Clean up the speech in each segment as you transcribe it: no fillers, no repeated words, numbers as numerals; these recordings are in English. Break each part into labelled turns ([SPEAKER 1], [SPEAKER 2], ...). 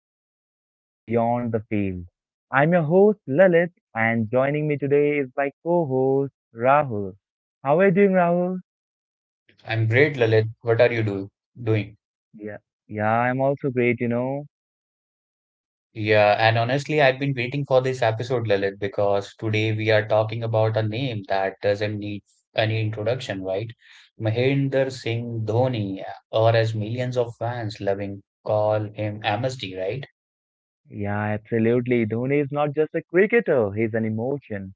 [SPEAKER 1] of Legends Beyond the Field. I'm your host, Lalit, and joining me today is my co host, Rahul. How are you doing, Rahul?
[SPEAKER 2] I'm great, Lalit. What are you do doing?
[SPEAKER 1] Yeah, yeah, I'm also great, you know.
[SPEAKER 2] Yeah, and honestly, I've been waiting for this episode, Lalit, because today we are talking about a name that doesn't need any introduction, right? Mahendra Singh Dhoni, or as millions of fans loving call him MSD, right?
[SPEAKER 1] Yeah, absolutely. Dhoni is not just a cricketer, he's an emotion.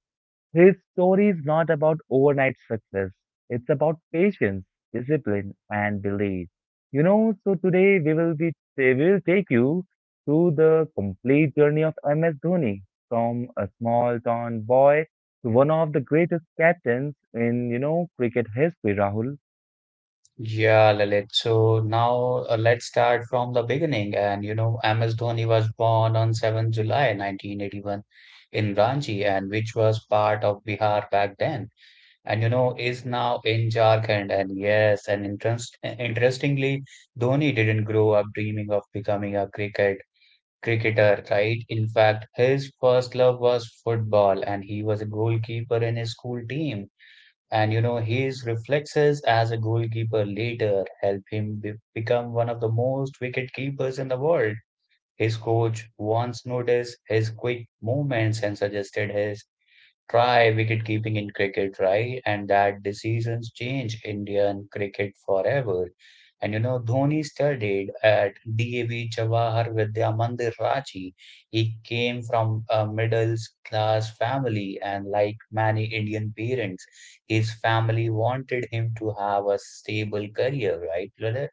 [SPEAKER 1] His story is not about overnight success. It's about patience, discipline, and belief. You know, so today we will take you through the complete journey of MS Dhoni from a small town boy to one of the greatest captains in cricket history, Rahul.
[SPEAKER 2] Yeah, Lalit. So now let's start from the beginning. And you know, MS Dhoni was born on 7th July 1981 in Ranchi, and which was part of Bihar back then, and you know is now in Jharkhand. And yes, and interestingly, Dhoni didn't grow up dreaming of becoming a cricketer, right? In fact, his first love was football and he was a goalkeeper in his school team. And you know, his reflexes as a goalkeeper later helped him become one of the most wicket keepers in the world. His coach once noticed his quick movements and suggested his try wicket keeping in cricket, right? And that decisions change Indian cricket forever. And you know, Dhoni studied at DAV Jawahar Vidya Mandir, Ranchi. He came from a middle class family, and like many Indian parents, his family wanted him to have a stable career, right, Lalit?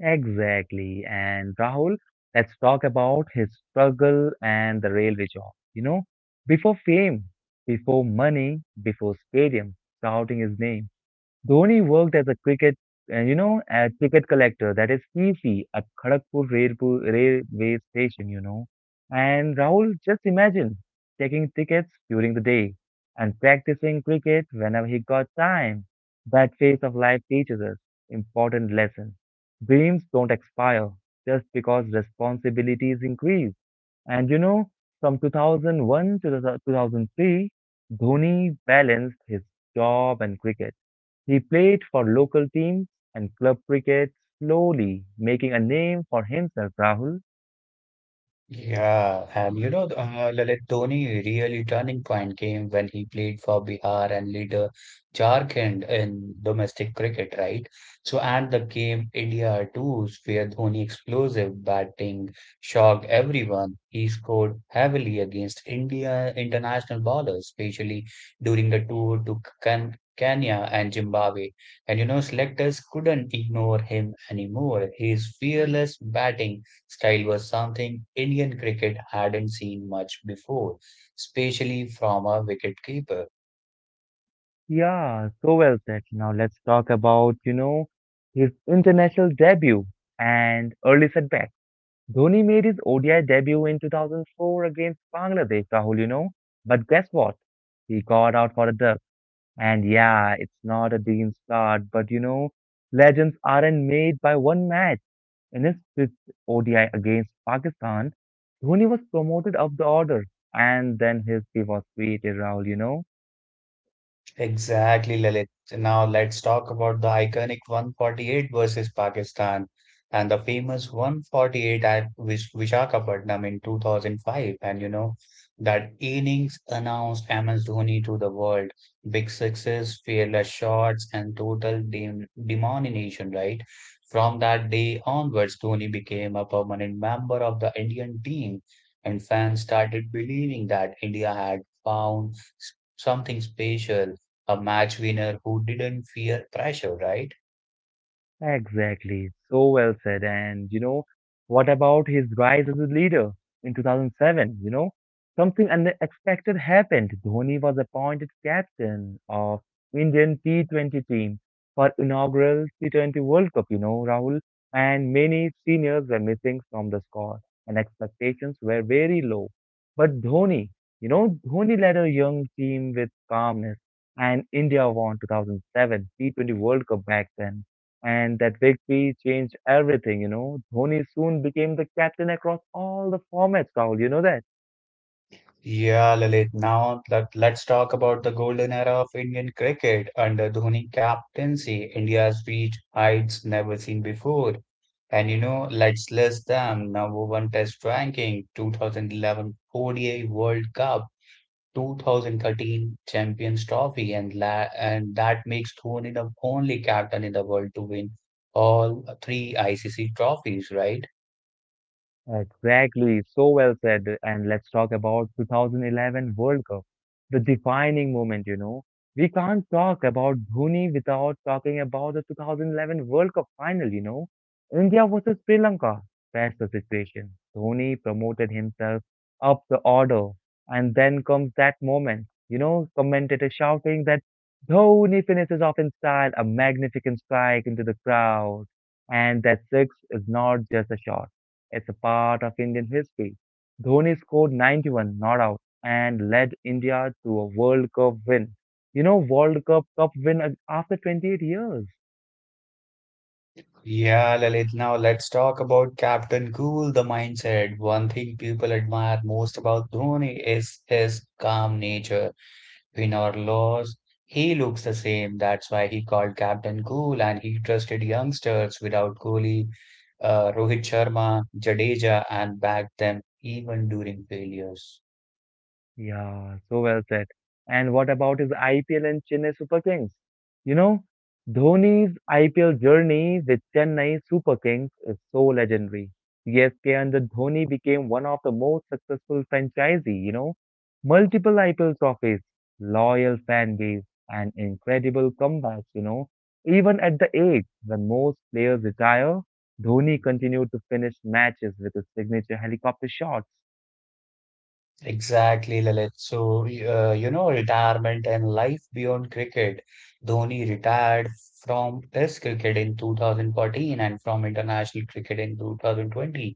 [SPEAKER 1] Exactly. And Rahul, let's talk about his struggle and the railway job. You know, before fame, before money, before stadium shouting his name. Dhoni worked as a ticket collector, that is C C at Kharagpur railway station, you know. And Rahul, just imagine taking tickets during the day and practicing cricket whenever he got time. That phase of life teaches us important lessons. Dreams don't expire just because responsibilities increase. And you know, from 2001 to the 2003, Dhoni balanced his job and cricket. He played for local teams and club cricket, slowly making a name for himself, Rahul.
[SPEAKER 2] Yeah, and you know, Lalit, Dhoni really turning point came when he played for Bihar and later Jharkhand in domestic cricket, right? So, and the game India 2s, where Dhoni explosive batting shocked everyone. He scored heavily against India international bowlers, especially during the tour to Kenya and Zimbabwe. And you know, selectors couldn't ignore him anymore. His fearless batting style was something Indian cricket hadn't seen much before, especially from a wicket keeper.
[SPEAKER 1] Yeah, so well said. Now let's talk about, you know, his international debut and early setbacks. Dhoni made his ODI debut in 2004 against Bangladesh, Rahul, you know. But guess what? He got out for a duck. And yeah, it's not a decent start, but you know, legends aren't made by one match. In his fifth ODI against Pakistan, Dhoni was promoted up the order, and then history was created, Rahul, you know.
[SPEAKER 2] Exactly, Lalit. Now let's talk about the iconic 148 versus Pakistan and the famous 148 at Vishakhapatnam in 2005. And you know, that innings announced MS Dhoni to the world. Big sixes, fearless shots, and total dem domination, right? From that day onwards, Dhoni became a permanent member of the Indian team, and fans started believing that India had found something special, a match winner who didn't fear pressure, right?
[SPEAKER 1] Exactly. So well said. And, you know, what about his rise as a leader in 2007? You know, something unexpected happened. Dhoni was appointed captain of Indian T20 team for inaugural T20 World Cup, you know, Rahul, and many seniors were missing from the squad and expectations were very low. But Dhoni, Dhoni led a young team with calmness and India won 2007 T20 World Cup back then, and that victory changed everything, you know. Dhoni soon became the captain across all the formats, Rahul. You know that?
[SPEAKER 2] Yeah, Lalit. Now let's talk about the golden era of Indian cricket under Dhoni captaincy. India's reached heights never seen before. And you know, let's list them. Number one Test ranking, 2011 ODI World Cup, 2013 Champions Trophy, and that makes Dhoni the only captain in the world to win all three ICC trophies, right?
[SPEAKER 1] Exactly, so well said. And let's talk about 2011 World Cup, the defining moment, you know. We can't talk about Dhoni without talking about the 2011 World Cup final, you know. India versus Sri Lanka, that's the situation. Dhoni promoted himself up the order, and then comes that moment, you know, commentators shouting that Dhoni finishes off in style, a magnificent strike into the crowd, and that six is not just a shot. It's a part of Indian history. Dhoni scored 91 not out and led India to a World Cup win. You know, World Cup win after 28 years.
[SPEAKER 2] Yeah, Lalit, now let's talk about Captain Cool, the mindset. One thing people admire most about Dhoni is his calm nature. Win or loss, he looks the same. That's why he called Captain Cool, and he trusted youngsters without Kohli, Rohit Sharma, Jadeja, and backed them even during failures.
[SPEAKER 1] Yeah, so well said. And what about his IPL and Chennai Super Kings? You know, Dhoni's IPL journey with Chennai Super Kings is so legendary. CSK under Dhoni became one of the most successful franchisee, you know, multiple IPL trophies, loyal fan base, and incredible comebacks, you know. Even at the age when most players retire, Dhoni continued to finish matches with his signature helicopter shots.
[SPEAKER 2] Exactly, Lalit. So, you know, retirement and life beyond cricket. Dhoni retired from Test cricket in 2014 and from international cricket in 2020.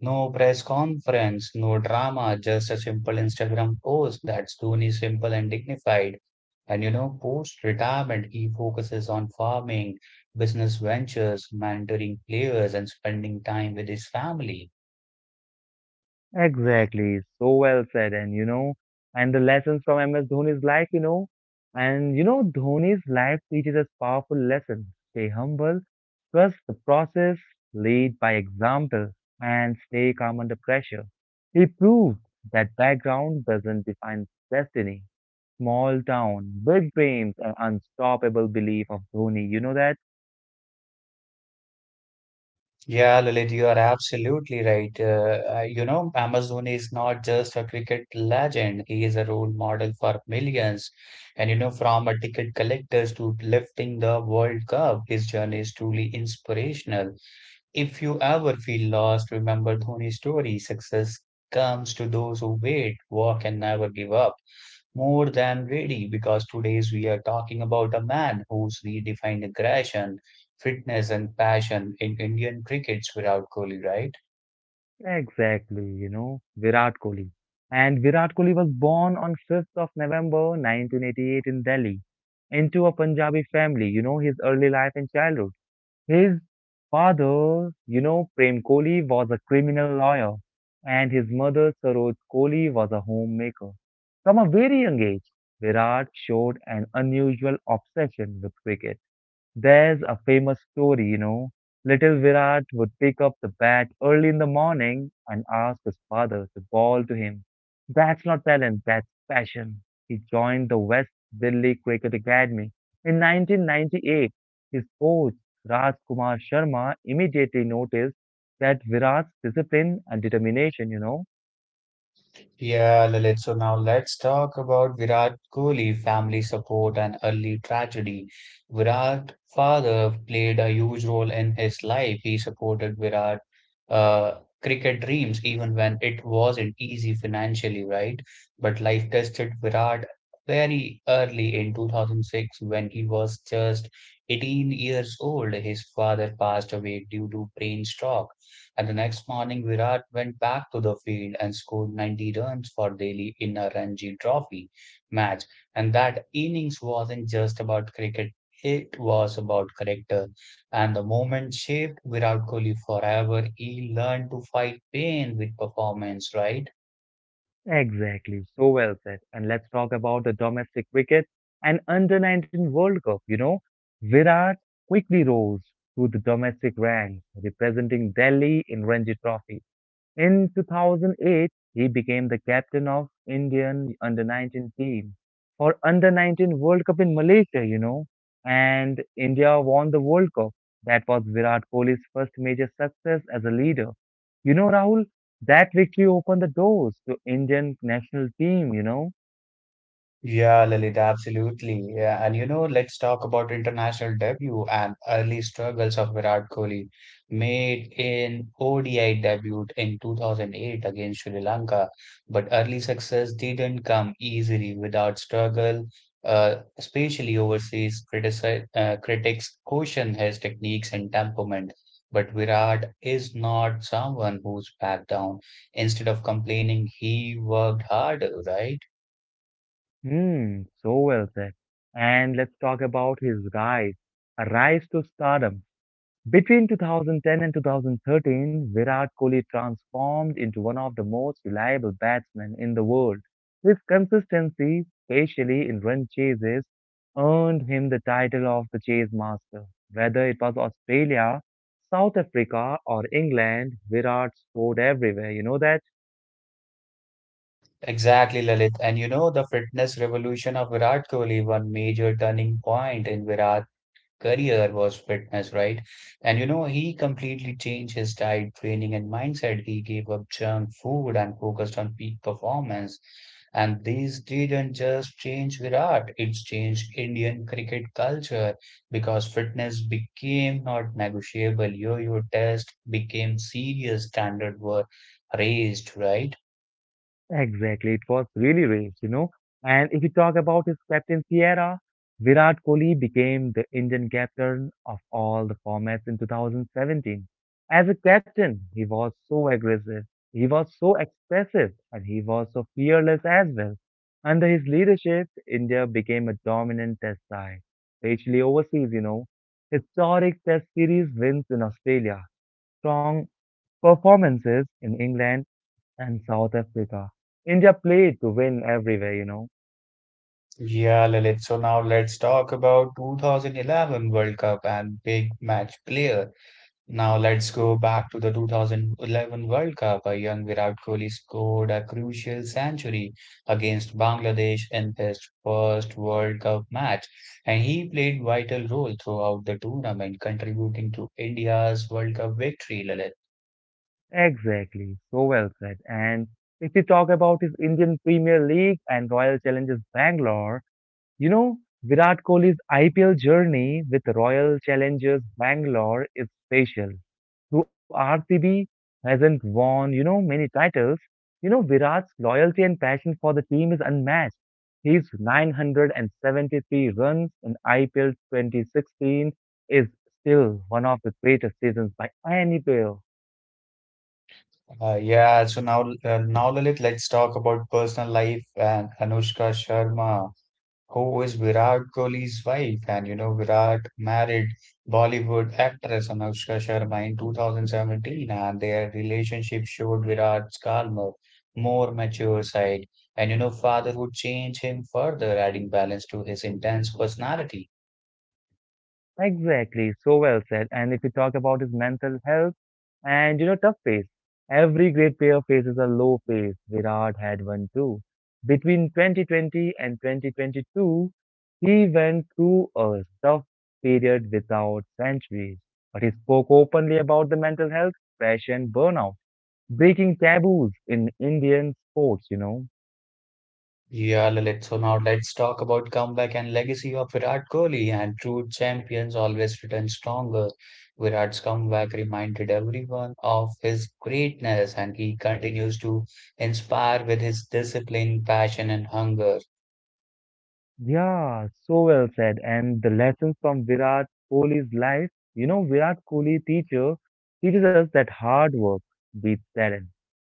[SPEAKER 2] No press conference, no drama, just a simple Instagram post. That's Dhoni, simple and dignified. And you know, post-retirement, he focuses on farming, business ventures, mentoring players, and spending time with his family.
[SPEAKER 1] Exactly, so well said. And you know, and the lessons from MS Dhoni's life, you know, and you know, Dhoni's life teaches us powerful lessons. Stay humble, trust the process, lead by example, and stay calm under pressure. He proved that background doesn't define destiny. Small town, big dreams, and unstoppable belief of Dhoni. You know that?
[SPEAKER 2] Yeah, Lalit, you are absolutely right. You know, Amazon is not just a cricket legend, he is a role model for millions. And, you know, from a ticket collectors to lifting the World Cup, his journey is truly inspirational. If you ever feel lost, remember Dhoni's story: success comes to those who wait, walk, and never give up. More than ready, because today's we are talking about a man who's redefined aggression, fitness, and passion in Indian cricket's Virat Kohli, right?
[SPEAKER 1] Exactly, you know, Virat Kohli. And Virat Kohli was born on November 5th 1988 in Delhi into a Punjabi family, you know, his early life and childhood. His father, you know, Prem Kohli was a criminal lawyer and his mother, Saroj Kohli, was a homemaker. From a very young age, Virat showed an unusual obsession with cricket. There's a famous story, you know. Little Virat would pick up the bat early in the morning and ask his father to bowl to him. That's not talent, that's passion. He joined the West Delhi Cricket Academy in 1998. His coach, Raj Kumar Sharma, immediately noticed that Virat's discipline and determination, you know.
[SPEAKER 2] Yeah, Lilith. So now let's talk about Virat Kohli, family support and early tragedy. Virat's father played a huge role in his life. He supported Virat uh, cricket dreams even when it wasn't easy financially, right? But life tested Virat very early in 2006 when he was just 18 years old. His father passed away due to brain stroke. And the next morning, Virat went back to the field and scored 90 runs for Delhi in a Ranji Trophy match. And that innings wasn't just about cricket, it was about character. And the moment shaped Virat Kohli forever. He learned to fight pain with performance, right?
[SPEAKER 1] Exactly, so well said. And let's talk about the domestic cricket and under 19 World Cup. You know, Virat quickly rose to the domestic ranks, representing Delhi in Ranji Trophy. In 2008, he became the captain of Indian under 19 team for under 19 World Cup in Malaysia, you know, and India won the World Cup. That was Virat Kohli's first major success as a leader. You know, Rahul, that victory opened the doors to Indian national team, you know.
[SPEAKER 2] Yeah, Lalit, absolutely. Yeah, and you know, let's talk about international debut and early struggles of Virat Kohli, made an ODI debut in 2008 against Sri Lanka. But early success didn't come easily without struggle, especially overseas critici critics caution his techniques and temperament. But Virat is not someone who's backed down. Instead of complaining, he worked harder, right?
[SPEAKER 1] Hmm, so well said. And let's talk about his rise, a rise to stardom. Between 2010 and 2013, Virat Kohli transformed into one of the most reliable batsmen in the world. His consistency, especially in run chases, earned him the title of the chase master. Whether it was Australia, South Africa, or England, Virat scored everywhere. You know that?
[SPEAKER 2] Exactly, Lalit. And you know, the fitness revolution of Virat Kohli, one major turning point in Virat's career was fitness, right? And you know, he completely changed his diet, training, and mindset. He gave up junk food and focused on peak performance. And this didn't just change Virat, it changed Indian cricket culture because fitness became not negotiable. Yo-yo test became serious, standard were raised, right?
[SPEAKER 1] Exactly, it was really raised, you know. And if you talk about his captaincy era, Virat Kohli became the Indian captain of all the formats in 2017. As a captain, he was so aggressive, he was so expressive, and he was so fearless as well. Under his leadership, India became a dominant test side, especially overseas, you know. Historic test series wins in Australia, strong performances in England and South Africa. India played to win everywhere, you know.
[SPEAKER 2] Yeah, Lalit. So now let's talk about 2011 World Cup and big match player. Now let's go back to the 2011 World Cup. A young Virat Kohli scored a crucial century against Bangladesh in his first World Cup match, and he played vital role throughout the tournament, contributing to India's World Cup victory, Lalit.
[SPEAKER 1] Exactly. So well said. And if we talk about his Indian Premier League and Royal Challengers Bangalore, you know, Virat Kohli's IPL journey with Royal Challengers Bangalore is special. Though RCB hasn't won, you know, many titles, you know, Virat's loyalty and passion for the team is unmatched. His 973 runs in IPL 2016 is still one of the greatest seasons by any player.
[SPEAKER 2] Yeah, so now now Lalit, let's talk about personal life and Anushka Sharma, who is Virat Kohli's wife. And you know, Virat married Bollywood actress Anushka Sharma in 2017, and their relationship showed Virat's calmer, more mature side. And you know, fatherhood changed him further, adding balance to his intense personality.
[SPEAKER 1] Exactly, so well said. And if you talk about his mental health and you know, tough phase, every great player faces a low phase. Virat had one too. Between 2020 and 2022, he went through a tough period without centuries. But he spoke openly about the mental health, pressure, and burnout, breaking taboos in Indian sports, you know.
[SPEAKER 2] Yeah, Lalit. So now let's talk about comeback and legacy of Virat Kohli, and true champions always return stronger. Virat's comeback reminded everyone of his greatness and he continues to inspire with his discipline, passion and hunger.
[SPEAKER 1] Yeah, so well said. And the lessons from Virat Kohli's life, you know, Virat Kohli teacher teaches us that hard work beats talent,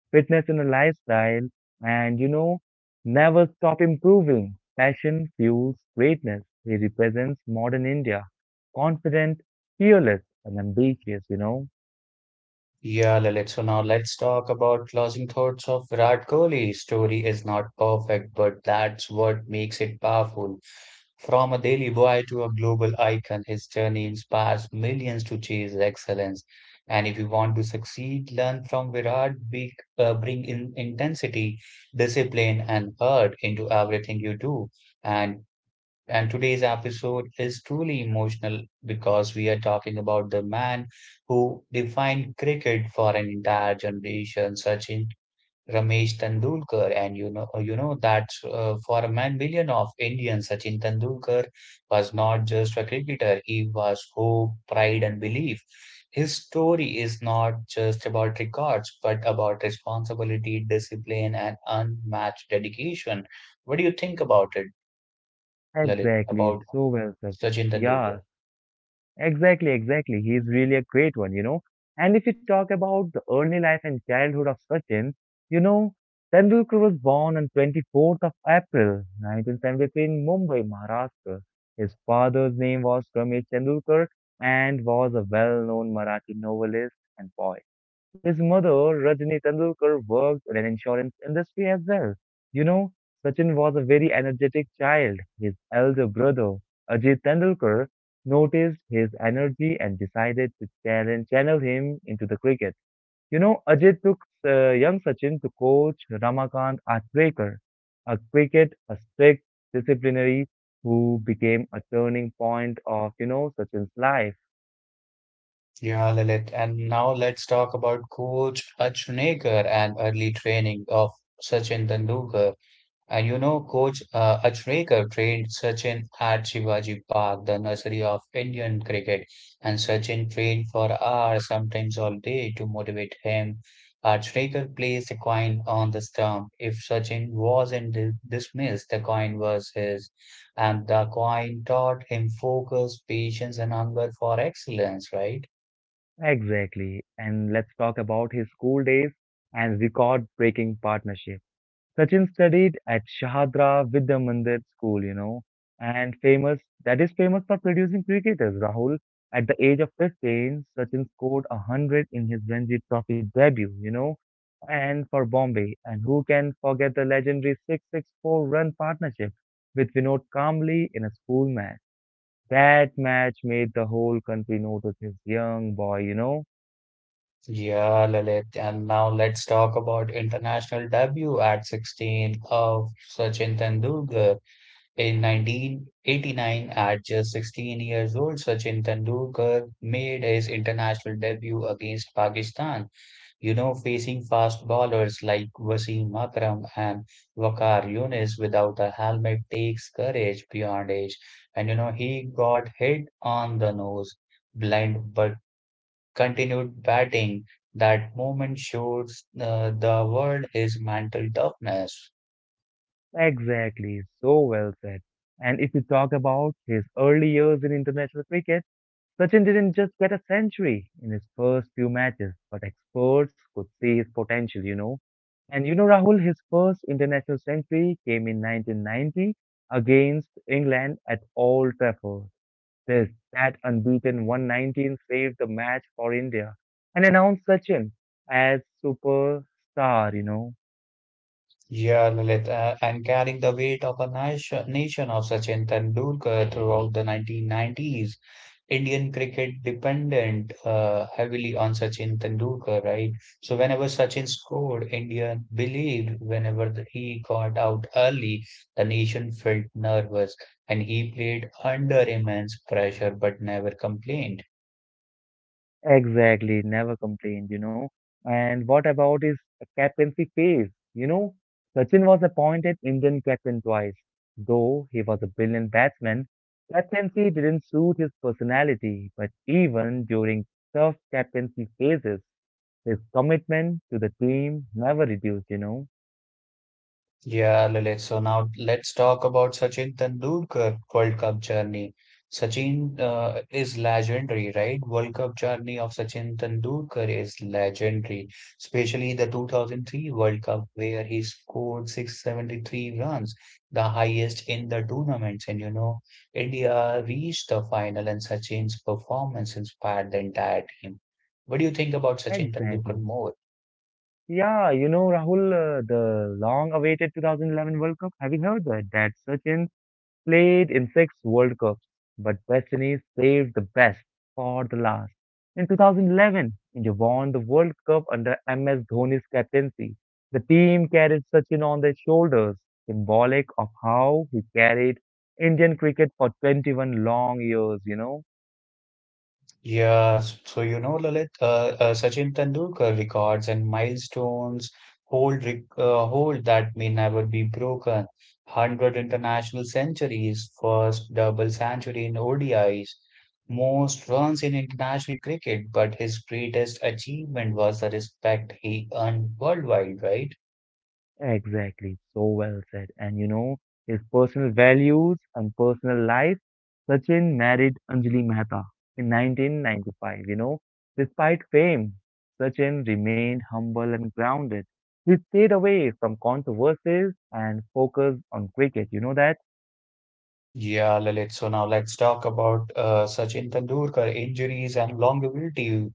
[SPEAKER 1] fitness in a lifestyle, and you know, never stop improving. Passion fuels greatness. He represents modern India, confident, fearless, and ambitious, you know.
[SPEAKER 2] Yeah, Lalit. So now let's talk about closing thoughts of Virat Kohli. Story is not perfect, but that's what makes it powerful. From a daily boy to a global icon, his journey inspires millions to chase excellence. And if you want to succeed, learn from Virat: bring in intensity, discipline, and heart into everything you do. And and today's episode is truly emotional because we are talking about the man who defined cricket for an entire generation, Sachin Ramesh Tendulkar. And you know, that for a man billion of Indians, Sachin Tendulkar was not just a cricketer; he was hope, pride, and belief. His story is not just about records, but about responsibility, discipline, and unmatched dedication. What do you think about it, Lalit?
[SPEAKER 1] Exactly,
[SPEAKER 2] About
[SPEAKER 1] so well said.
[SPEAKER 2] Sachin
[SPEAKER 1] Yeah,
[SPEAKER 2] Tendulkar.
[SPEAKER 1] exactly. He's really a great one, you know. And if you talk about the early life and childhood of Sachin, you know, Tendulkar was born on April 24th 1973 in Mumbai, Maharashtra. His father's name was Ramesh Tendulkar and was a well-known Marathi novelist and poet. His mother, Rajni Tendulkar, worked in an insurance industry as well. You know, Sachin was a very energetic child. His elder brother, Ajit Tendulkar, noticed his energy and decided to channel him into the cricket. You know, Ajit took young Sachin to coach Ramakant Atbreaker, a strict disciplinary who became a turning point of, you know, Sachin's life.
[SPEAKER 2] Yeah, Lilith. And now let's talk about Coach Achinekar and early training of Sachin Tendulkar. And you know, Coach Achrekar trained Sachin at Shivaji Park, the nursery of Indian cricket, and Sachin trained for hours, sometimes all day, to motivate him. Achrekar placed a coin on the stump. If Sachin wasn't dismissed, the coin was his, and the coin taught him focus, patience, and hunger for excellence. Right?
[SPEAKER 1] Exactly. And let's talk about his school days and record-breaking partnership. Sachin studied at Shahadra Vidya Mandir School, you know, and famous that is famous for producing cricketers. Rahul, at the age of 15, Sachin scored a hundred in his Ranji Trophy debut, you know, and for Bombay. And who can forget the legendary 664 run partnership with Vinod Kambli in a school match? That match made the whole country notice his young boy, you know.
[SPEAKER 2] Yeah, Lalit. And now let's talk about international debut at 16 of Sachin Tendulkar. In 1989, at just 16 years old, Sachin Tendulkar made his international debut against Pakistan, you know, facing fast bowlers like Wasim Akram and Waqar Yunis without a helmet takes courage beyond age. And you know, he got hit on the nose, blind, but continued batting. That moment shows the world his mental toughness.
[SPEAKER 1] Exactly, so well said. And if you talk about his early years in international cricket, Sachin didn't just get a century in his first few matches, but experts could see his potential, you know. And you know, Rahul, his first international century came in 1990 against England at Old Trafford. That unbeaten 119 saved the match for India and announced Sachin as superstar, you know.
[SPEAKER 2] Yeah, Lalit, and carrying the weight of a nation of Sachin Tendulkar throughout the 1990s. Indian cricket dependent heavily on Sachin Tendulkar, right? So whenever Sachin scored, India believed; whenever he got out early, the nation felt nervous, and he played under immense pressure but never complained.
[SPEAKER 1] Exactly, never complained, you know. And what about his captaincy phase? You know, Sachin was appointed Indian captain twice. Though he was a brilliant batsman, captaincy didn't suit his personality, but even during tough captaincy phases, his commitment to the team never reduced, you know.
[SPEAKER 2] Yeah, Lalit. So now let's talk about Sachin Tendulkar World Cup journey. Sachin is legendary, right? World Cup journey of Sachin Tendulkar is legendary, especially the 2003 World Cup where he scored 673 runs, the highest in the tournament. And you know, India reached the final, and Sachin's performance inspired the entire team. What do you think about Sachin Tendulkar
[SPEAKER 1] Exactly.
[SPEAKER 2] more?
[SPEAKER 1] Yeah, you know, Rahul, the long-awaited 2011 World Cup, have you heard that? That Sachin played in six World Cups, but West Indies saved the best for the last. In 2011, India won the World Cup under MS Dhoni's captaincy. The team carried Sachin on their shoulders, symbolic of how he carried Indian cricket for 21 long years, you know.
[SPEAKER 2] Yeah, so you know, Lalit, Sachin Tendulkar records and milestones hold rec hold that may never be broken. 100 international centuries, first double century in ODIs, most runs in international cricket, but his greatest achievement was the respect he earned worldwide, right?
[SPEAKER 1] Exactly, so well said. And you know, his personal values and personal life, Sachin married Anjali Mehta in 1995. You know, despite fame, Sachin remained humble and grounded. He stayed away from controversies and focused on cricket. You know that?
[SPEAKER 2] Yeah, Lalit. So now let's talk about Sachin Tendulkar injuries and longevity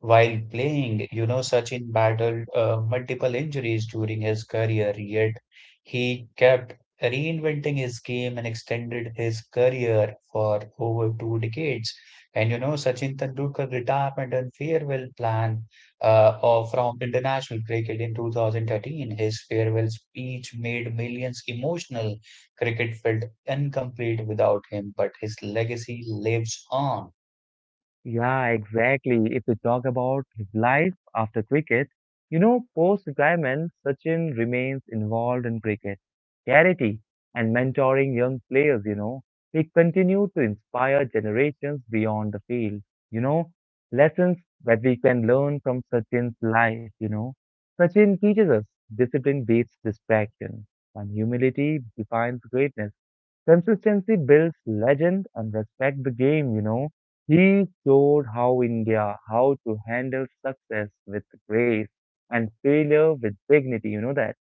[SPEAKER 2] while playing. You know, Sachin battled multiple injuries during his career, yet he kept reinventing his game and extended his career for over 2 decades. And you know, Sachin Tendulkar retirement and farewell plan of from international cricket in 2013. His farewell speech made millions emotional. Cricket felt incomplete without him, but his legacy lives on.
[SPEAKER 1] Yeah, exactly. If we talk about his life after cricket, post-retirement, Sachin remains involved in cricket, charity, and mentoring young players, He continued to inspire generations beyond the field, you know, lessons that we can learn from Sachin's life, Sachin teaches us discipline beats distraction, and humility defines greatness. Consistency builds legend and respect the game, He showed how India, how to handle success with grace and failure with dignity, you know that.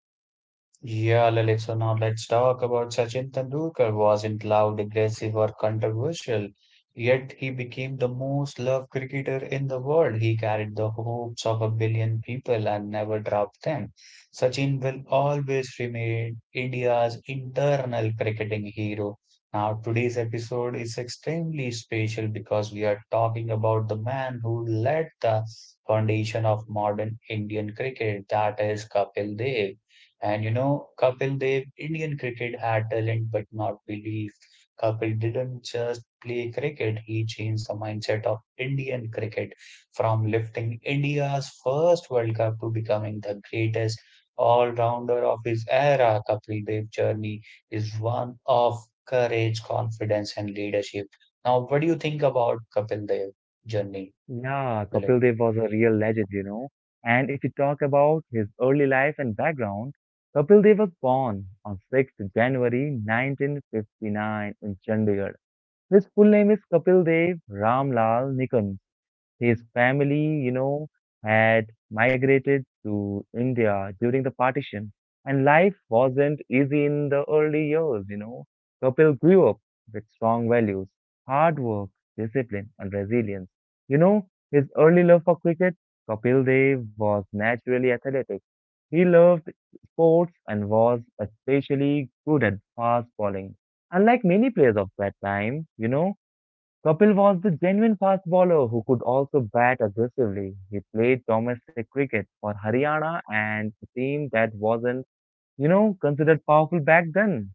[SPEAKER 2] Yeah, Lalit, so now let's talk about Sachin Tendulkar wasn't loud, aggressive or controversial, yet he became the most loved cricketer in the world. He carried the hopes of a billion people and never dropped them. Sachin will always remain India's internal cricketing hero. Now, today's episode is extremely special because we are talking about the man who laid the foundation of modern Indian cricket, that is Kapil Dev. And you know, Kapil Dev, Indian cricket had talent but not belief. Kapil didn't just play cricket, he changed the mindset of Indian cricket from lifting India's first World Cup to becoming the greatest all-rounder of his era. Kapil Dev's journey is one of courage, confidence, and leadership. Now, what do you think about Kapil Dev's journey,
[SPEAKER 1] Yeah,
[SPEAKER 2] Milind?
[SPEAKER 1] Kapil Dev was a real legend, And if you talk about his early life and background, Kapil Dev was born on 6th January 1959 in Chandigarh. His full name is Kapil Dev Ramlal Nikam. His family, had migrated to India during the partition, and life wasn't easy in the early years, Kapil grew up with strong values, hard work, discipline, and resilience. You know, his early love for cricket, Kapil Dev was naturally athletic. He loved sports and was especially good at fast bowling. Unlike many players of that time, Kapil was the genuine fast bowler who could also bat aggressively. He played domestic cricket for Haryana and a team that wasn't, considered powerful back then.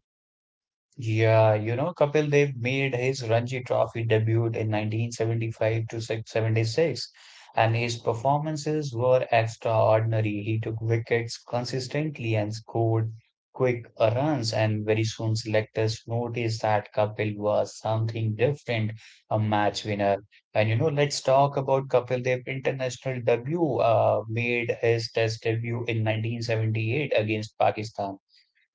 [SPEAKER 2] Yeah, you know, Kapil Dev made his Ranji Trophy debut in 1975 to 76, and his performances were extraordinary. He took wickets consistently and scored quick runs, and very soon selectors noticed that Kapil was something different, a match winner. And you know, let's talk about Kapil Dev international debut, made his test debut in 1978 against Pakistan.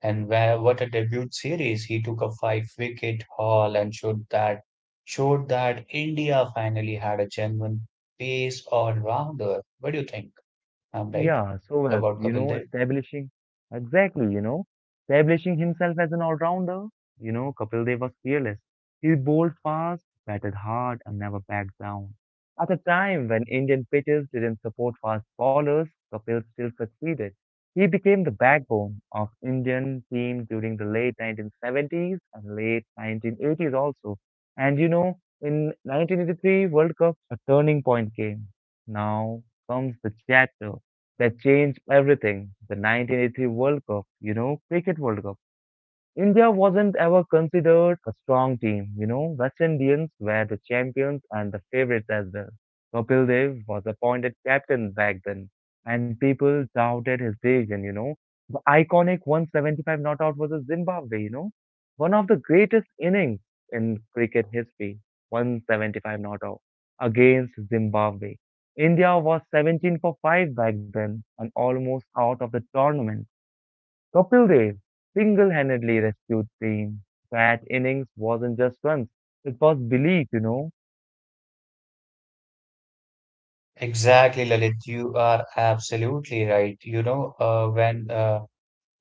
[SPEAKER 2] And where, what a debut series! He took a five-wicket haul and showed that India finally had a genuine pace all-rounder. What do you think? I'm right
[SPEAKER 1] Yeah, so well,
[SPEAKER 2] about
[SPEAKER 1] you
[SPEAKER 2] Kapil
[SPEAKER 1] know,
[SPEAKER 2] Dev.
[SPEAKER 1] establishing exactly, establishing himself as an all-rounder. You know, Kapil Dev was fearless. He bowled fast, batted hard, and never backed down. At a time when Indian pitches didn't support fast bowlers, Kapil still succeeded. He became the backbone of Indian team during the late 1970s and late 1980s also. And you know, in 1983 World Cup, a turning point came. Now comes the chapter that changed everything. The 1983 World Cup, Cricket World Cup. India wasn't ever considered a strong team, West Indians were the champions and the favorites as well. Kapil Dev was appointed captain back then, and people doubted his decision, The iconic 175 not out was a Zimbabwe, One of the greatest innings in cricket history, 175 not out against Zimbabwe. India was 17 for 5 back then and almost out of the tournament. Kapil Dev single-handedly rescued team. That innings wasn't just runs; it was belief,
[SPEAKER 2] Exactly, Lalit. You are absolutely right. You know, uh, when uh,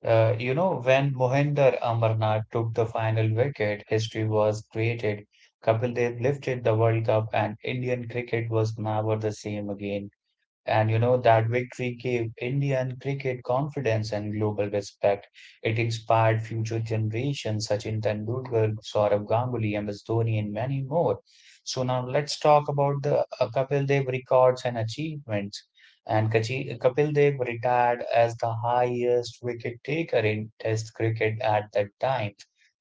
[SPEAKER 2] uh, you know when Mohinder Amarnath took the final wicket, history was created. Kapil Dev lifted the World Cup, and Indian cricket was never the same again. And you know, that victory gave Indian cricket confidence and global respect. It inspired future generations, Sachin Tendulkar, Saurabh Ganguly, MS Dhoni, and many more. So now let's talk about the Kapil Dev records and achievements. And Kachi, Kapil Dev retired as the highest wicket taker in Test cricket at that time.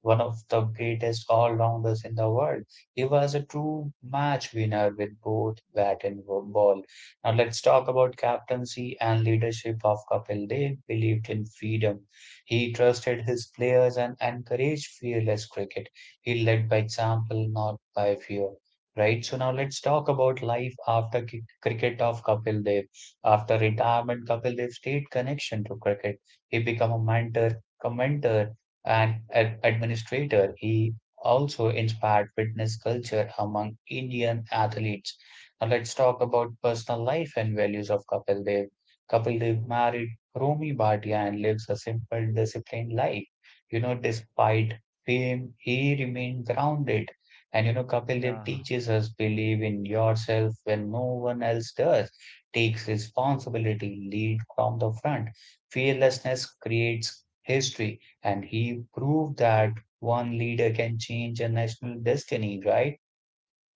[SPEAKER 2] One of the greatest all-rounders in the world. He was a true match winner with both bat and ball. Now let's talk about captaincy and leadership of Kapil Dev. Believed in freedom. He trusted his players and encouraged fearless cricket. He led by example, not by fear. Right, so now let's talk about life after cricket of Kapil Dev. After retirement, Kapil Dev stayed connection to cricket. He became a mentor, commentator, and administrator. He also inspired fitness culture among Indian athletes. Now let's talk about personal life and values of Kapil Dev. Kapil Dev married Romi Bhatia and lives a simple, disciplined life. You know, despite fame, he remained grounded. And you know, Kapil Dev
[SPEAKER 1] Yeah.
[SPEAKER 2] teaches us believe in yourself when no one else does. Takes responsibility, lead from the front. Fearlessness creates history, and he proved that one leader can change a national destiny, right?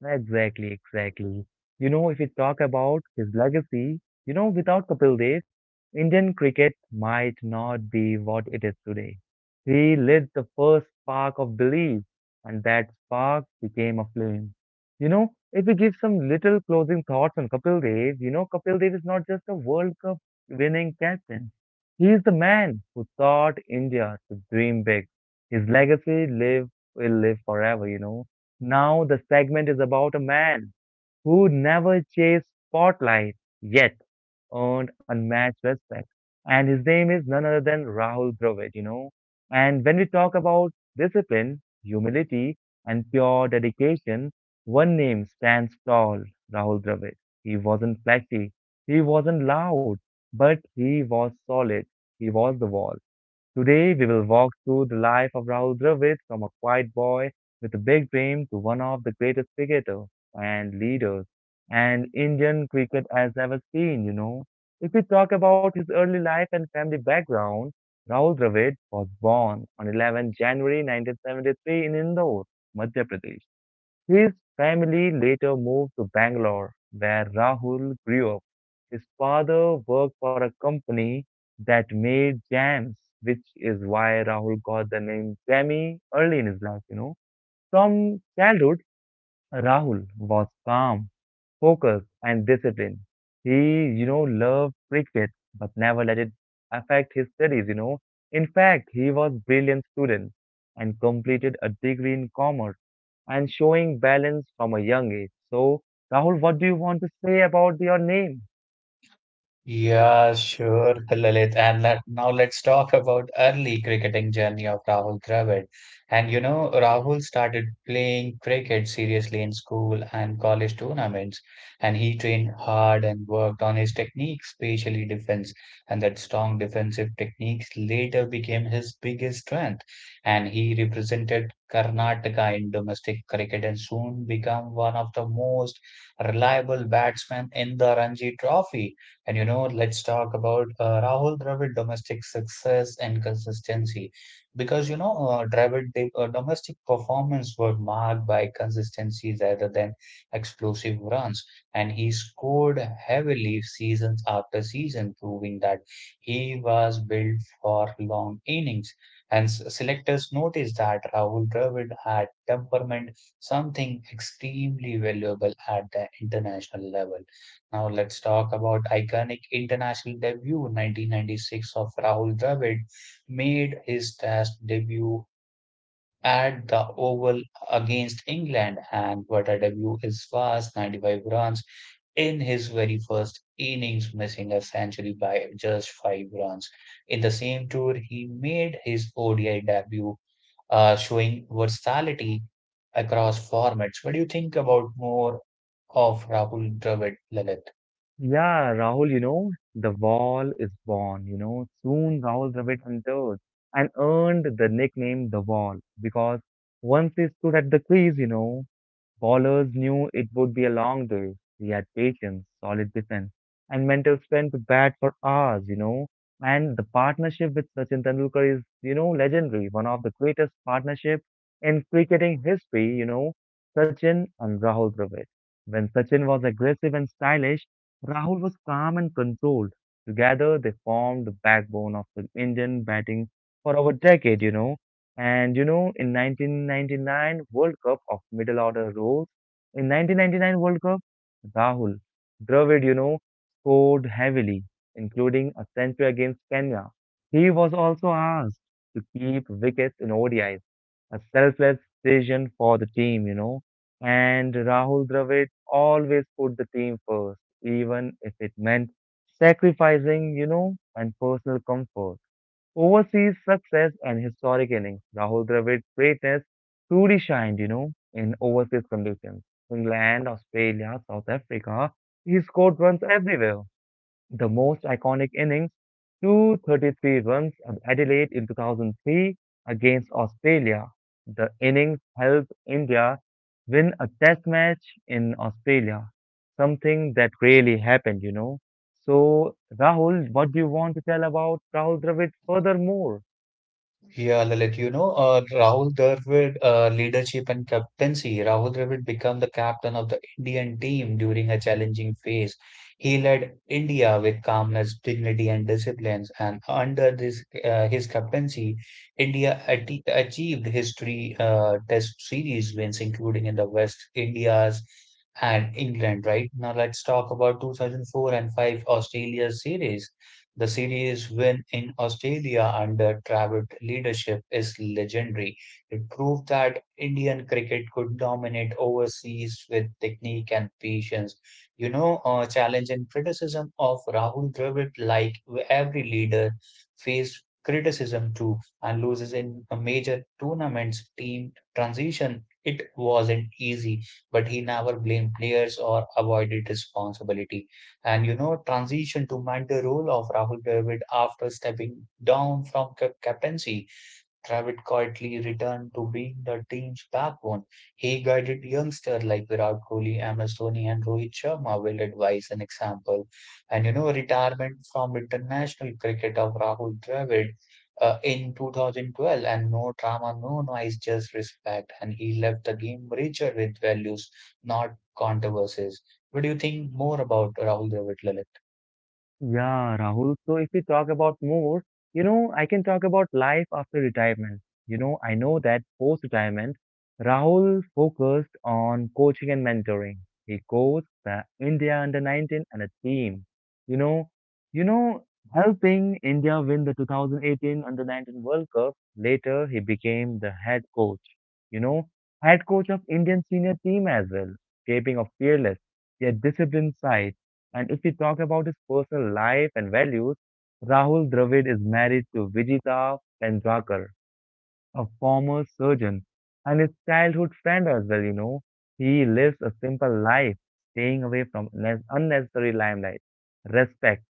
[SPEAKER 1] Exactly, exactly. You know, if we talk about his legacy, without Kapil Dev, Indian cricket might not be what it is today. He lit the first spark of belief, and that spark became a flame. You know, if we give some little closing thoughts on Kapil Dev, Kapil Dev is not just a World Cup winning captain. He is the man who taught India to dream big. His legacy live will live forever, you know, now the segment is about a man who never chased spotlight yet earned unmatched respect. And his name is none other than Rahul Dravid, And when we talk about discipline, humility, and pure dedication, one name stands tall, Rahul Dravid. He wasn't flashy, he wasn't loud, but he was solid. He was the wall. Today, we will walk through the life of Rahul Dravid from a quiet boy with a big dream to one of the greatest cricketers and leaders and Indian cricket has ever seen, If we talk about his early life and family background, Rahul Dravid was born on 11 January 1973 in Indore, Madhya Pradesh. His family later moved to Bangalore, where Rahul grew up. His father worked for a company that made jams, which is why Rahul got the name Jammy early in his life, From childhood, Rahul was calm, focus and discipline. He, loved cricket but never let it affect his studies, In fact, he was brilliant student and completed a degree in commerce and showing balance from a young age. So, Rahul, what do you want to say about your name?
[SPEAKER 2] Yeah, sure, Lalit. Now let's talk about early cricketing journey of Rahul Dravid. And you know, Rahul started playing cricket seriously in school and college tournaments, and he trained hard and worked on his technique, especially defense. And that strong defensive techniques later became his biggest strength. And he represented Karnataka in domestic cricket and soon became one of the most reliable batsmen in the Ranji Trophy. And you know, let's talk about Rahul Dravid domestic success and consistency. Because you know, domestic performance were marked by consistency rather than explosive runs, and he scored heavily season after season, proving that he was built for long innings. And selectors noticed that Rahul Dravid had temperament, something extremely valuable at the international level. Now let's talk about iconic international debut 1996 of Rahul Dravid made his test debut at the Oval against England, and what a debut is was 95 runs in his very first innings, missing a century by just 5 runs. In the same tour he made his ODI debut, showing versatility across formats. What do you think about more of Rahul Dravid, Lalit?
[SPEAKER 1] Yeah, Rahul, the wall is born, Soon Rahul Dravid entered and earned the nickname the wall because once he stood at the crease, Ballers knew it would be a long day. We had patience, solid defense, and mental strength to bat for hours, And the partnership with Sachin Tendulkar is, legendary, one of the greatest partnership in cricketing history, Sachin and Rahul Dravid. When Sachin was aggressive and stylish, Rahul was calm and controlled. Together, they formed the backbone of the Indian batting for over a decade, And you know, in 1999 World Cup of middle order roles, in 1999 World Cup, Rahul Dravid, scored heavily, including a century against Kenya. He was also asked to keep wickets in ODIs, a selfless decision for the team, And Rahul Dravid always put the team first, even if it meant sacrificing, and personal comfort. Overseas success and historic innings. Rahul Dravid's greatness truly shined, in overseas conditions. England, Australia, South Africa, he scored runs everywhere, the most iconic innings, 233 runs at Adelaide in 2003 against Australia. The innings helped India win a test match in Australia, something that really happened, So, Rahul, what do you want to tell about Rahul Dravid furthermore?
[SPEAKER 2] Yeah, Lalit, you know, Rahul Dravid leadership and captaincy. Rahul Dravid became the captain of the Indian team during a challenging phase. He led India with calmness, dignity, and discipline. And under this, his captaincy, India achieved history, test series wins, including in the West Indies and England. Right now, let's talk about 2004 and 5 Australia series. The series win in Australia under Dravid leadership is legendary. It proved that Indian cricket could dominate overseas with technique and patience. You know, challenge and criticism of Rahul Dravid, like every leader, faced criticism too and loses in a major tournaments team transition. It wasn't easy, but he never blamed players or avoided responsibility. And you know, transition to mentor role of Rahul Dravid after stepping down from captaincy. Dravid quietly returned to being the team's backbone. He guided youngsters like Virat Kohli, MS Dhoni, and Rohit Sharma with advice and example. And you know, retirement from international cricket of Rahul Dravid, in 2012, and no drama, no noise, just respect. And he left the game richer with values, not controversies. What do you think more about Rahul Dravid, Lalit?
[SPEAKER 1] Yeah, Rahul. So if we talk about more, I can talk about life after retirement. You know, I know that post-retirement, Rahul focused on coaching and mentoring. He coached the India under 19 and a team. You know, you know, helping India win the 2018 under 19 World Cup. Later, he became the head coach. You know, head coach of Indian senior team as well, shaping a fearless yet disciplined side. And if we talk about his personal life and values, Rahul Dravid is married to Vijita Pendrakar, a former surgeon and his childhood friend as well, He lives a simple life, staying away from unnecessary limelight, respect,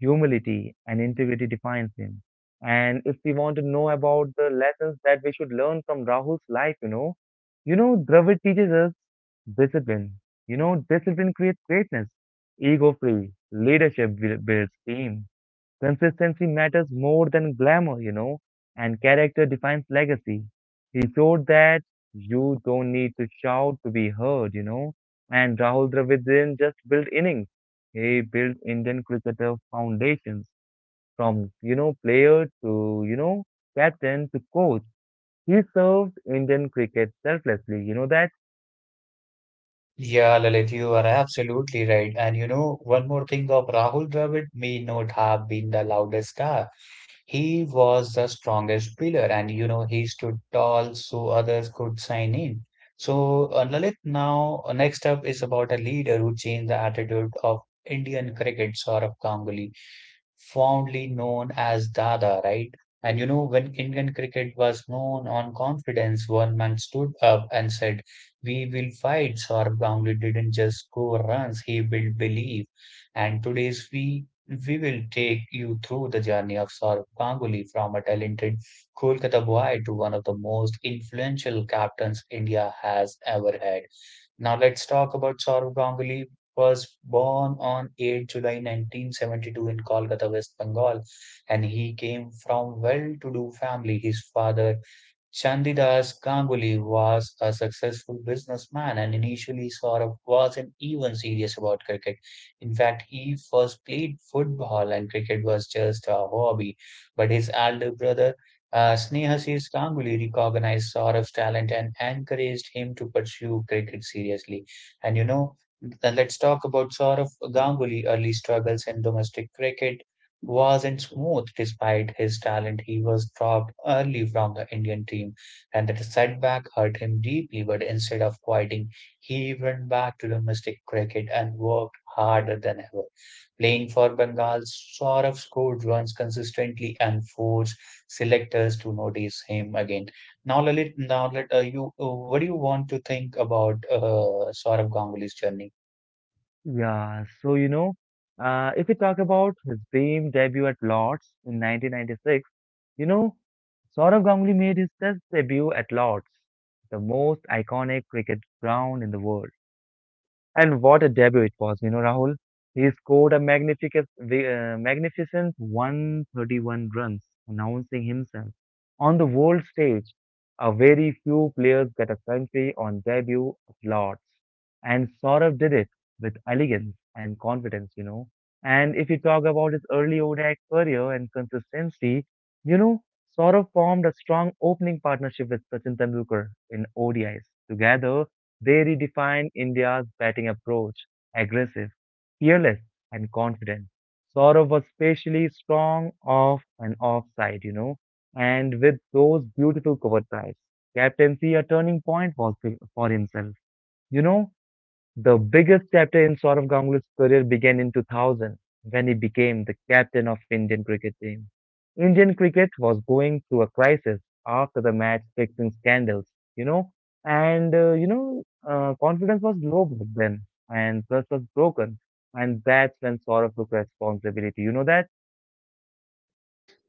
[SPEAKER 1] humility and integrity defines him. And if we want to know about the lessons that we should learn from Rahul's life, Dravid teaches us discipline. You know, discipline creates greatness, ego free, leadership builds team, consistency matters more than glamour, and character defines legacy. He showed that you don't need to shout to be heard, And Rahul Dravid didn't just build innings, he built Indian cricketer foundations from, player to, captain to coach. He served Indian cricket selflessly, you know that?
[SPEAKER 2] Yeah, Lalit, you are absolutely right. And you know, one more thing of Rahul Dravid may not have been the loudest star, he was the strongest pillar, and you know, he stood tall so others could sign in. So, Lalit, now next up is about a leader who changed the attitude of Indian cricket, Saurabh Ganguly, fondly known as Dada, right? And you know, when Indian cricket was known on confidence, one man stood up and said, we will fight. Saurabh Ganguly didn't just score runs, he built belief. And today's we will take you through the journey of Saurabh Ganguly from a talented Kolkata boy to one of the most influential captains India has ever had. Now let's talk about Saurabh Ganguly was born on 8 July 1972 in Kolkata, West Bengal, and he came from well-to-do family. His father Chandidas Ganguly was a successful businessman, and initially Saurabh wasn't even serious about cricket. In fact, he first played football and cricket was just a hobby. But his elder brother, Snehasis Ganguly, recognized Saurabh's talent and encouraged him to pursue cricket seriously. And you know, let's talk about Saurabh Ganguly early struggles in domestic cricket wasn't smooth. Despite his talent, he was dropped early from the Indian team, and that setback hurt him deeply. But instead of quitting, he went back to domestic cricket and worked harder than ever. Playing for Bengal, Saurabh scored runs consistently and forced selectors to notice him again. Now, Lalit, what do you want to think about Saurabh Ganguly's journey?
[SPEAKER 1] Yeah, so, if we talk about his dream debut at Lord's in 1996, you know, Saurav Ganguly made his Test debut at Lord's, the most iconic cricket ground in the world. And what a debut it was, Rahul. He scored a magnificent, magnificent 131 runs, announcing himself on the world stage. A very few players get a century on debut applauds, and Saurav did it with elegance and confidence, And if you talk about his early ODI career and consistency, you know, Saurav formed a strong opening partnership with Sachin Tendulkar in ODIs. Together, they redefined India's batting approach aggressive, fearless, and confident. Saurav was especially strong off and offside, and with those beautiful cover drives. Captaincy, a turning point was for himself. You know, the biggest chapter in Saurav Ganguly's career began in 2000 when he became the captain of Indian cricket team. Indian cricket was going through a crisis after the match fixing scandals, you know, and uh, you know, confidence was low back then and trust was broken, and that's when Saurav took responsibility. You know that?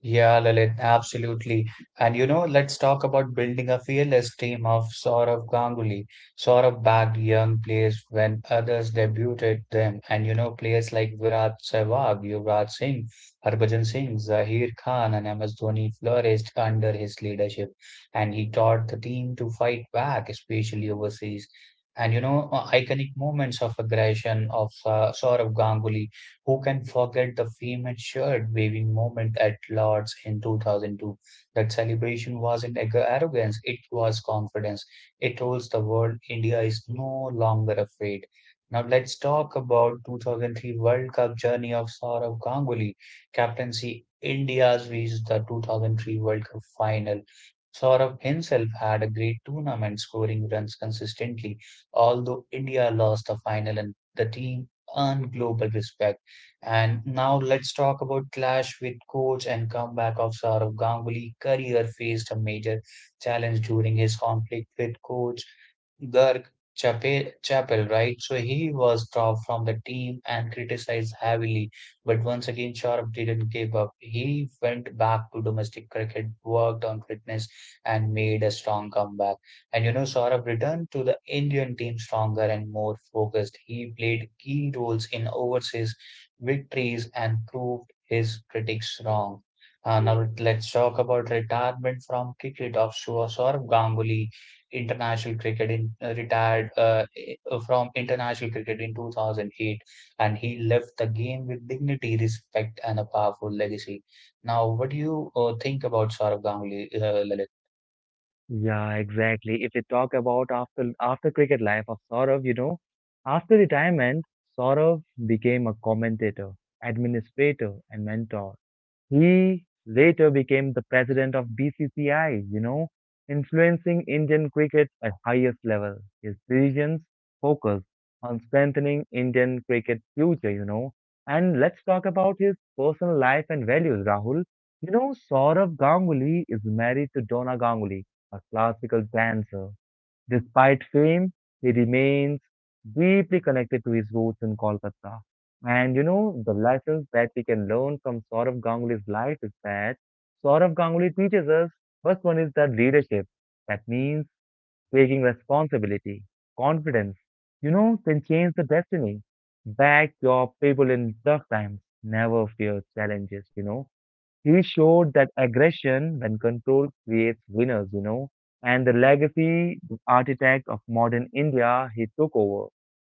[SPEAKER 2] Yeah, Lalit, absolutely. And you know, let's talk about building a fearless team of Saurav Ganguly. Saurav bagged young players when others debuted them. And you know, players like Virat Sehwag, Yuvraj Singh, Harbhajan Singh, Zaheer Khan, and MS Dhoni flourished under his leadership. And he taught the team to fight back, especially overseas. And you know, iconic moments of aggression of Saurav Ganguly, who can forget the famed shirt waving moment at Lord's in 2002? That celebration wasn't arrogance, it was confidence. It told the world India is no longer afraid. Now let's talk about 2003 World Cup journey of Saurav Ganguly. Captaincy India's reached the 2003 World Cup final. Saurav himself had a great tournament, scoring runs consistently. Although India lost the final, and the team earned global respect. And now let's talk about clash with coach and comeback of Saurav Ganguly. Career faced a major challenge during his conflict with coach Garg Chapel, right? So he was dropped from the team and criticized heavily. But once again, Sharp didn't give up. He went back to domestic cricket, worked on fitness, and made a strong comeback. And you know, Saurabh returned to the Indian team stronger and more focused. He played key roles in overseas victories and proved his critics wrong. Now let's talk about retirement from cricket of Saurabh Ganguly international cricket in retired from international cricket in 2008, and he left the game with dignity, respect, and a powerful legacy. Now what do you think about Saurabh Ganguly, Lalit?
[SPEAKER 1] Yeah, exactly. If we talk about after cricket life of Saurav, after retirement, Saurav became a commentator, administrator, and mentor. He later became the president of BCCI, influencing Indian cricket at highest level. His decisions focused on strengthening Indian cricket's future, And let's talk about his personal life and values, Rahul. You know, Saurav Ganguly is married to Donna Ganguly, a classical dancer. Despite fame, he remains deeply connected to his roots in Kolkata. And you know, the lessons that we can learn from Saurav Ganguly's life is that Saurav Ganguly teaches us, first one is that leadership. That means taking responsibility, confidence, can change the destiny. Back your people in tough times. Never fear challenges, you know, he showed that aggression, when controlled, creates winners, and the legacy, the architect of modern India he took over.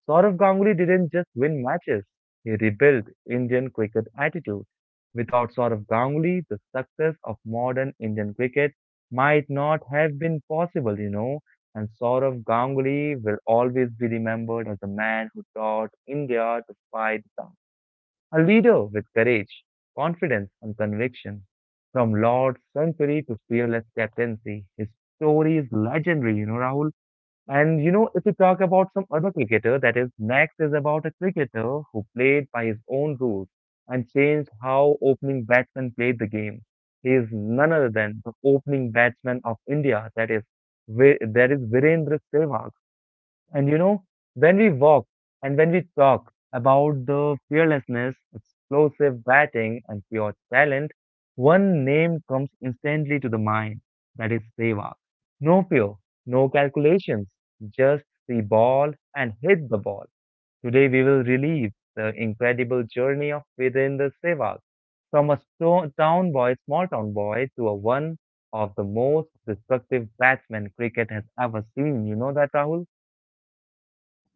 [SPEAKER 1] Saurav Ganguly didn't just win matches, he rebuilt Indian cricket attitude. Without Saurav Ganguly, the success of modern Indian cricket might not have been possible, And Saurav Ganguly will always be remembered as a man who taught India to fight, a leader with courage, confidence, and conviction. From Lord Sunbury to fearless captaincy, his story is legendary, you know, Rahul. If you talk about some other cricketer, that is, next is about a cricketer who played by his own rules and changed how opening batsmen played the game. He is none other than the opening batsman of India, that is, Virendra Sehwag. And you know, when we walk and when we talk about the fearlessness, explosive batting, and pure talent, one name comes instantly to the mind. That is Sehwag. No fear, no calculations, just the ball and hit the ball. Today we will relive the incredible journey of within the Sehwag, from a town boy, small town boy, to a one of the most destructive batsmen cricket has ever seen. You know that, Rahul?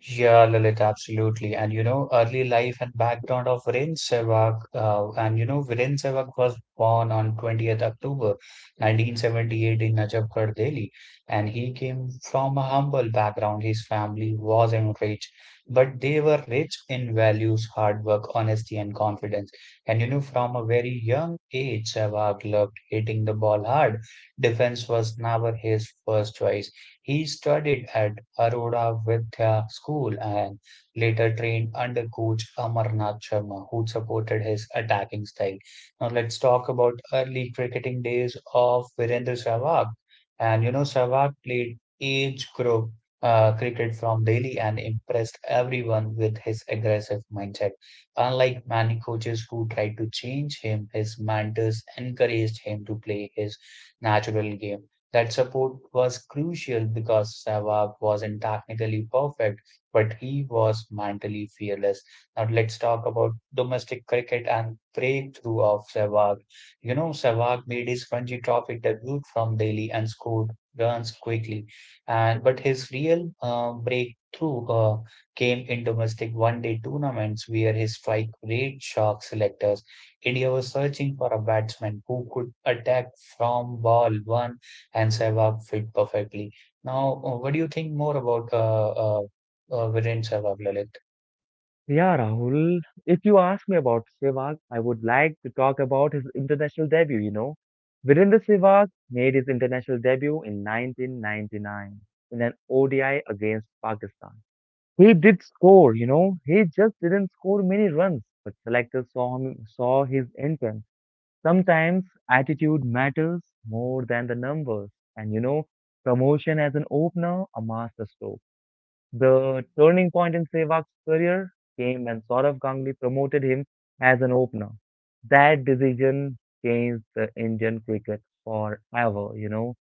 [SPEAKER 2] Yeah, Lalit, absolutely. And you know, early life and background of Viren Sehwag, and you know, Viren Sehwag was born on 20th October 1978 in Najafgarh, Delhi, and he came from a humble background. His family wasn't rich, but they were rich in values, hard work, honesty, and confidence. And you know, from a very young age, Sehwag loved hitting the ball hard. Defense was never his first choice. He studied at Arora Vidya School and later trained under coach Amarnath Sharma, who supported his attacking style. Now let's talk about early cricketing days of Virendra Sehwag. And you know, Sehwag played age group cricket from Delhi and impressed everyone with his aggressive mindset. Unlike many coaches who tried to change him, his mentors encouraged him to play his natural game. That support was crucial because Sehwag wasn't technically perfect, but he was mentally fearless. Now let's talk about domestic cricket and breakthrough of Sehwag. You know, Sehwag made his Ranji Trophy debut from Delhi and scored runs quickly. And but his real breakthrough came in domestic one-day tournaments where his strike rate shocked selectors. India was searching for a batsman who could attack from ball one, and Sehwag fit perfectly. Now, what do you think more about Viren Sehwag, Lalit?
[SPEAKER 1] Yeah, Rahul, if you ask me about Sehwag, I would like to talk about his international debut, you know. Virender Sehwag made his international debut in 1999 in an ODI against Pakistan. He did score, you know. He just didn't score many runs, but selectors saw him, saw his intent. Sometimes attitude matters more than the numbers, and you know, promotion as an opener, a masterstroke. The turning point in Sehwag's career came when Saurav Ganguly promoted him as an opener. That decision changed the Indian cricket forever, you know.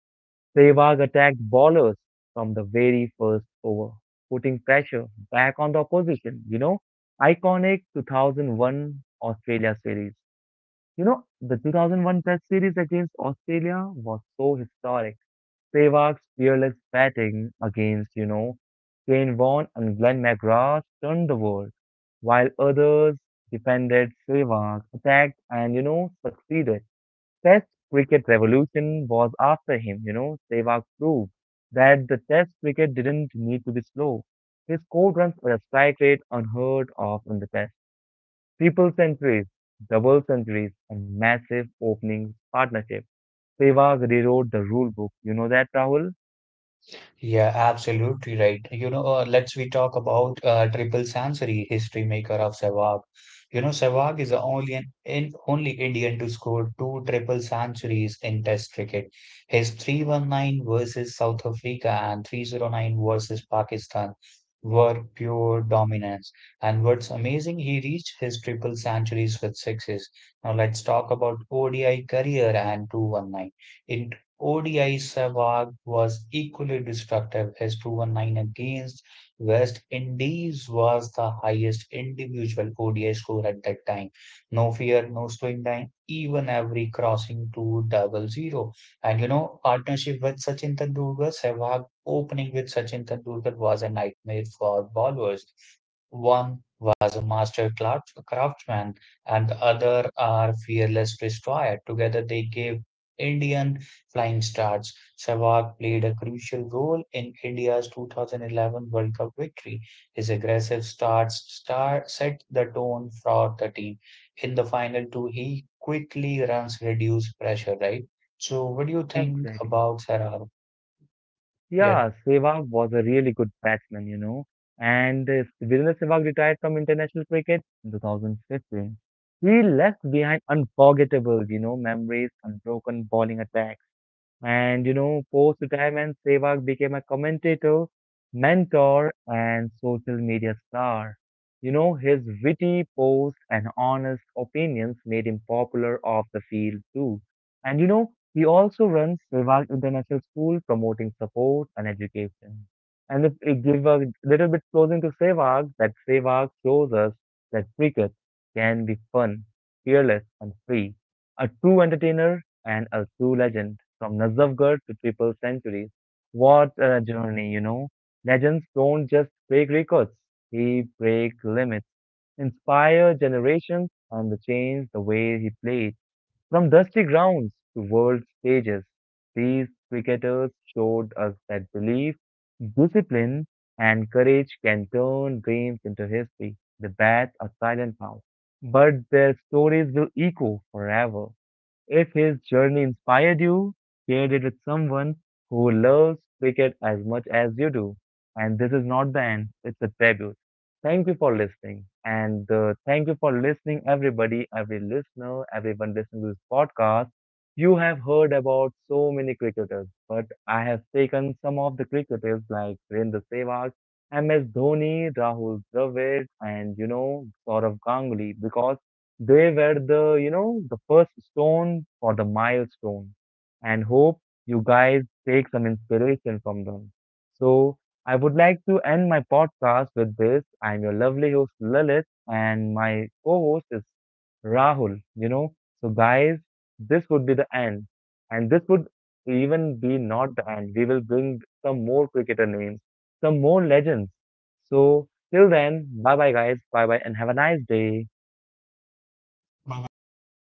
[SPEAKER 1] Sehwag attacked bowlers from the very first over, putting pressure back on the opposition, you know. Iconic 2001 Australia series. You know, the 2001 Test series against Australia was so historic. Spivak's fearless batting against, you know, Kane Vaughan and Glenn McGrath turned the world, while others defended, Spivak attacked and, you know, succeeded. Test cricket revolution was after him, you know. Spivak proved that the test cricket didn't need to be slow. He scored runs at a strike rate unheard of in the test. Triple centuries, double centuries, and massive opening partnership. Sehwag rewrote the rule book. You know that, Rahul?
[SPEAKER 2] Yeah, absolutely right. You know, let's we talk about Triple Sansari, history maker of Sehwag. You know, Sehwag is the only only Indian to score two triple centuries in Test cricket. His 319 versus South Africa and 309 versus Pakistan were pure dominance. And what's amazing, he reached his triple centuries with sixes. Now let's talk about ODI career and 219. In ODI Sehwag was equally destructive, as 219 against West Indies was the highest individual ODI score at that time. No fear, no slowing down, even every crossing to double zero. And you know, partnership with Sachin Tendulkar, Sehwag opening with Sachin Tendulkar was a nightmare for bowlers. One was a master craftsman, and the other are fearless destroyer. Together they gave Indian flying starts. Sehwag played a crucial role in India's 2011 World Cup victory. His aggressive starts star set the tone for the team. In the final two, he quickly runs reduced pressure, right? So what do you think
[SPEAKER 1] Exactly.
[SPEAKER 2] about Sehwag? Yeah,
[SPEAKER 1] Yeah, Sehwag was a really good batsman, you know. And Virendra Sehwag retired from international cricket in 2015. He left behind unforgettable, you know, memories, unbroken bowling attack, and you know, post-retirement, Sehwag became a commentator, mentor, and social media star. You know, his witty posts and honest opinions made him popular off the field too. And you know, he also runs Sehwag International School promoting support and education. And if we give a little bit closing to Sehwag, that Sehwag shows us that cricket can be fun, fearless, and free. A true entertainer and a true legend from Nazafgarh to triple centuries. What a journey, you know. Legends don't just break records, they break limits, inspire generations, and change the way he played. From dusty grounds to world stages, these cricketers showed us that belief, discipline, and courage can turn games into history. The bats are silent now, but their stories will echo forever. If his journey inspired you, share it with someone who loves cricket as much as you do. And this is not the end, it's a tribute. Thank you for listening. And thank you for listening, everybody, every listener, everyone listening to this podcast. You have heard about so many cricketers, but I have taken some of the cricketers like Virendra Sehwag, MS Dhoni, Rahul Dravid, and you know, Saurav Ganguly because they were the, you know, the first stone for the milestone, and hope you guys take some inspiration from them. So, I would like to end my podcast with this. I'm your lovely host Lilith, and my co-host is Rahul. You know, so guys, this would be the end, and this would even be not the end. We will bring some more cricketer names, some more legends. So, till then, bye bye, guys. Bye bye, and have a nice day.
[SPEAKER 2] Baba electric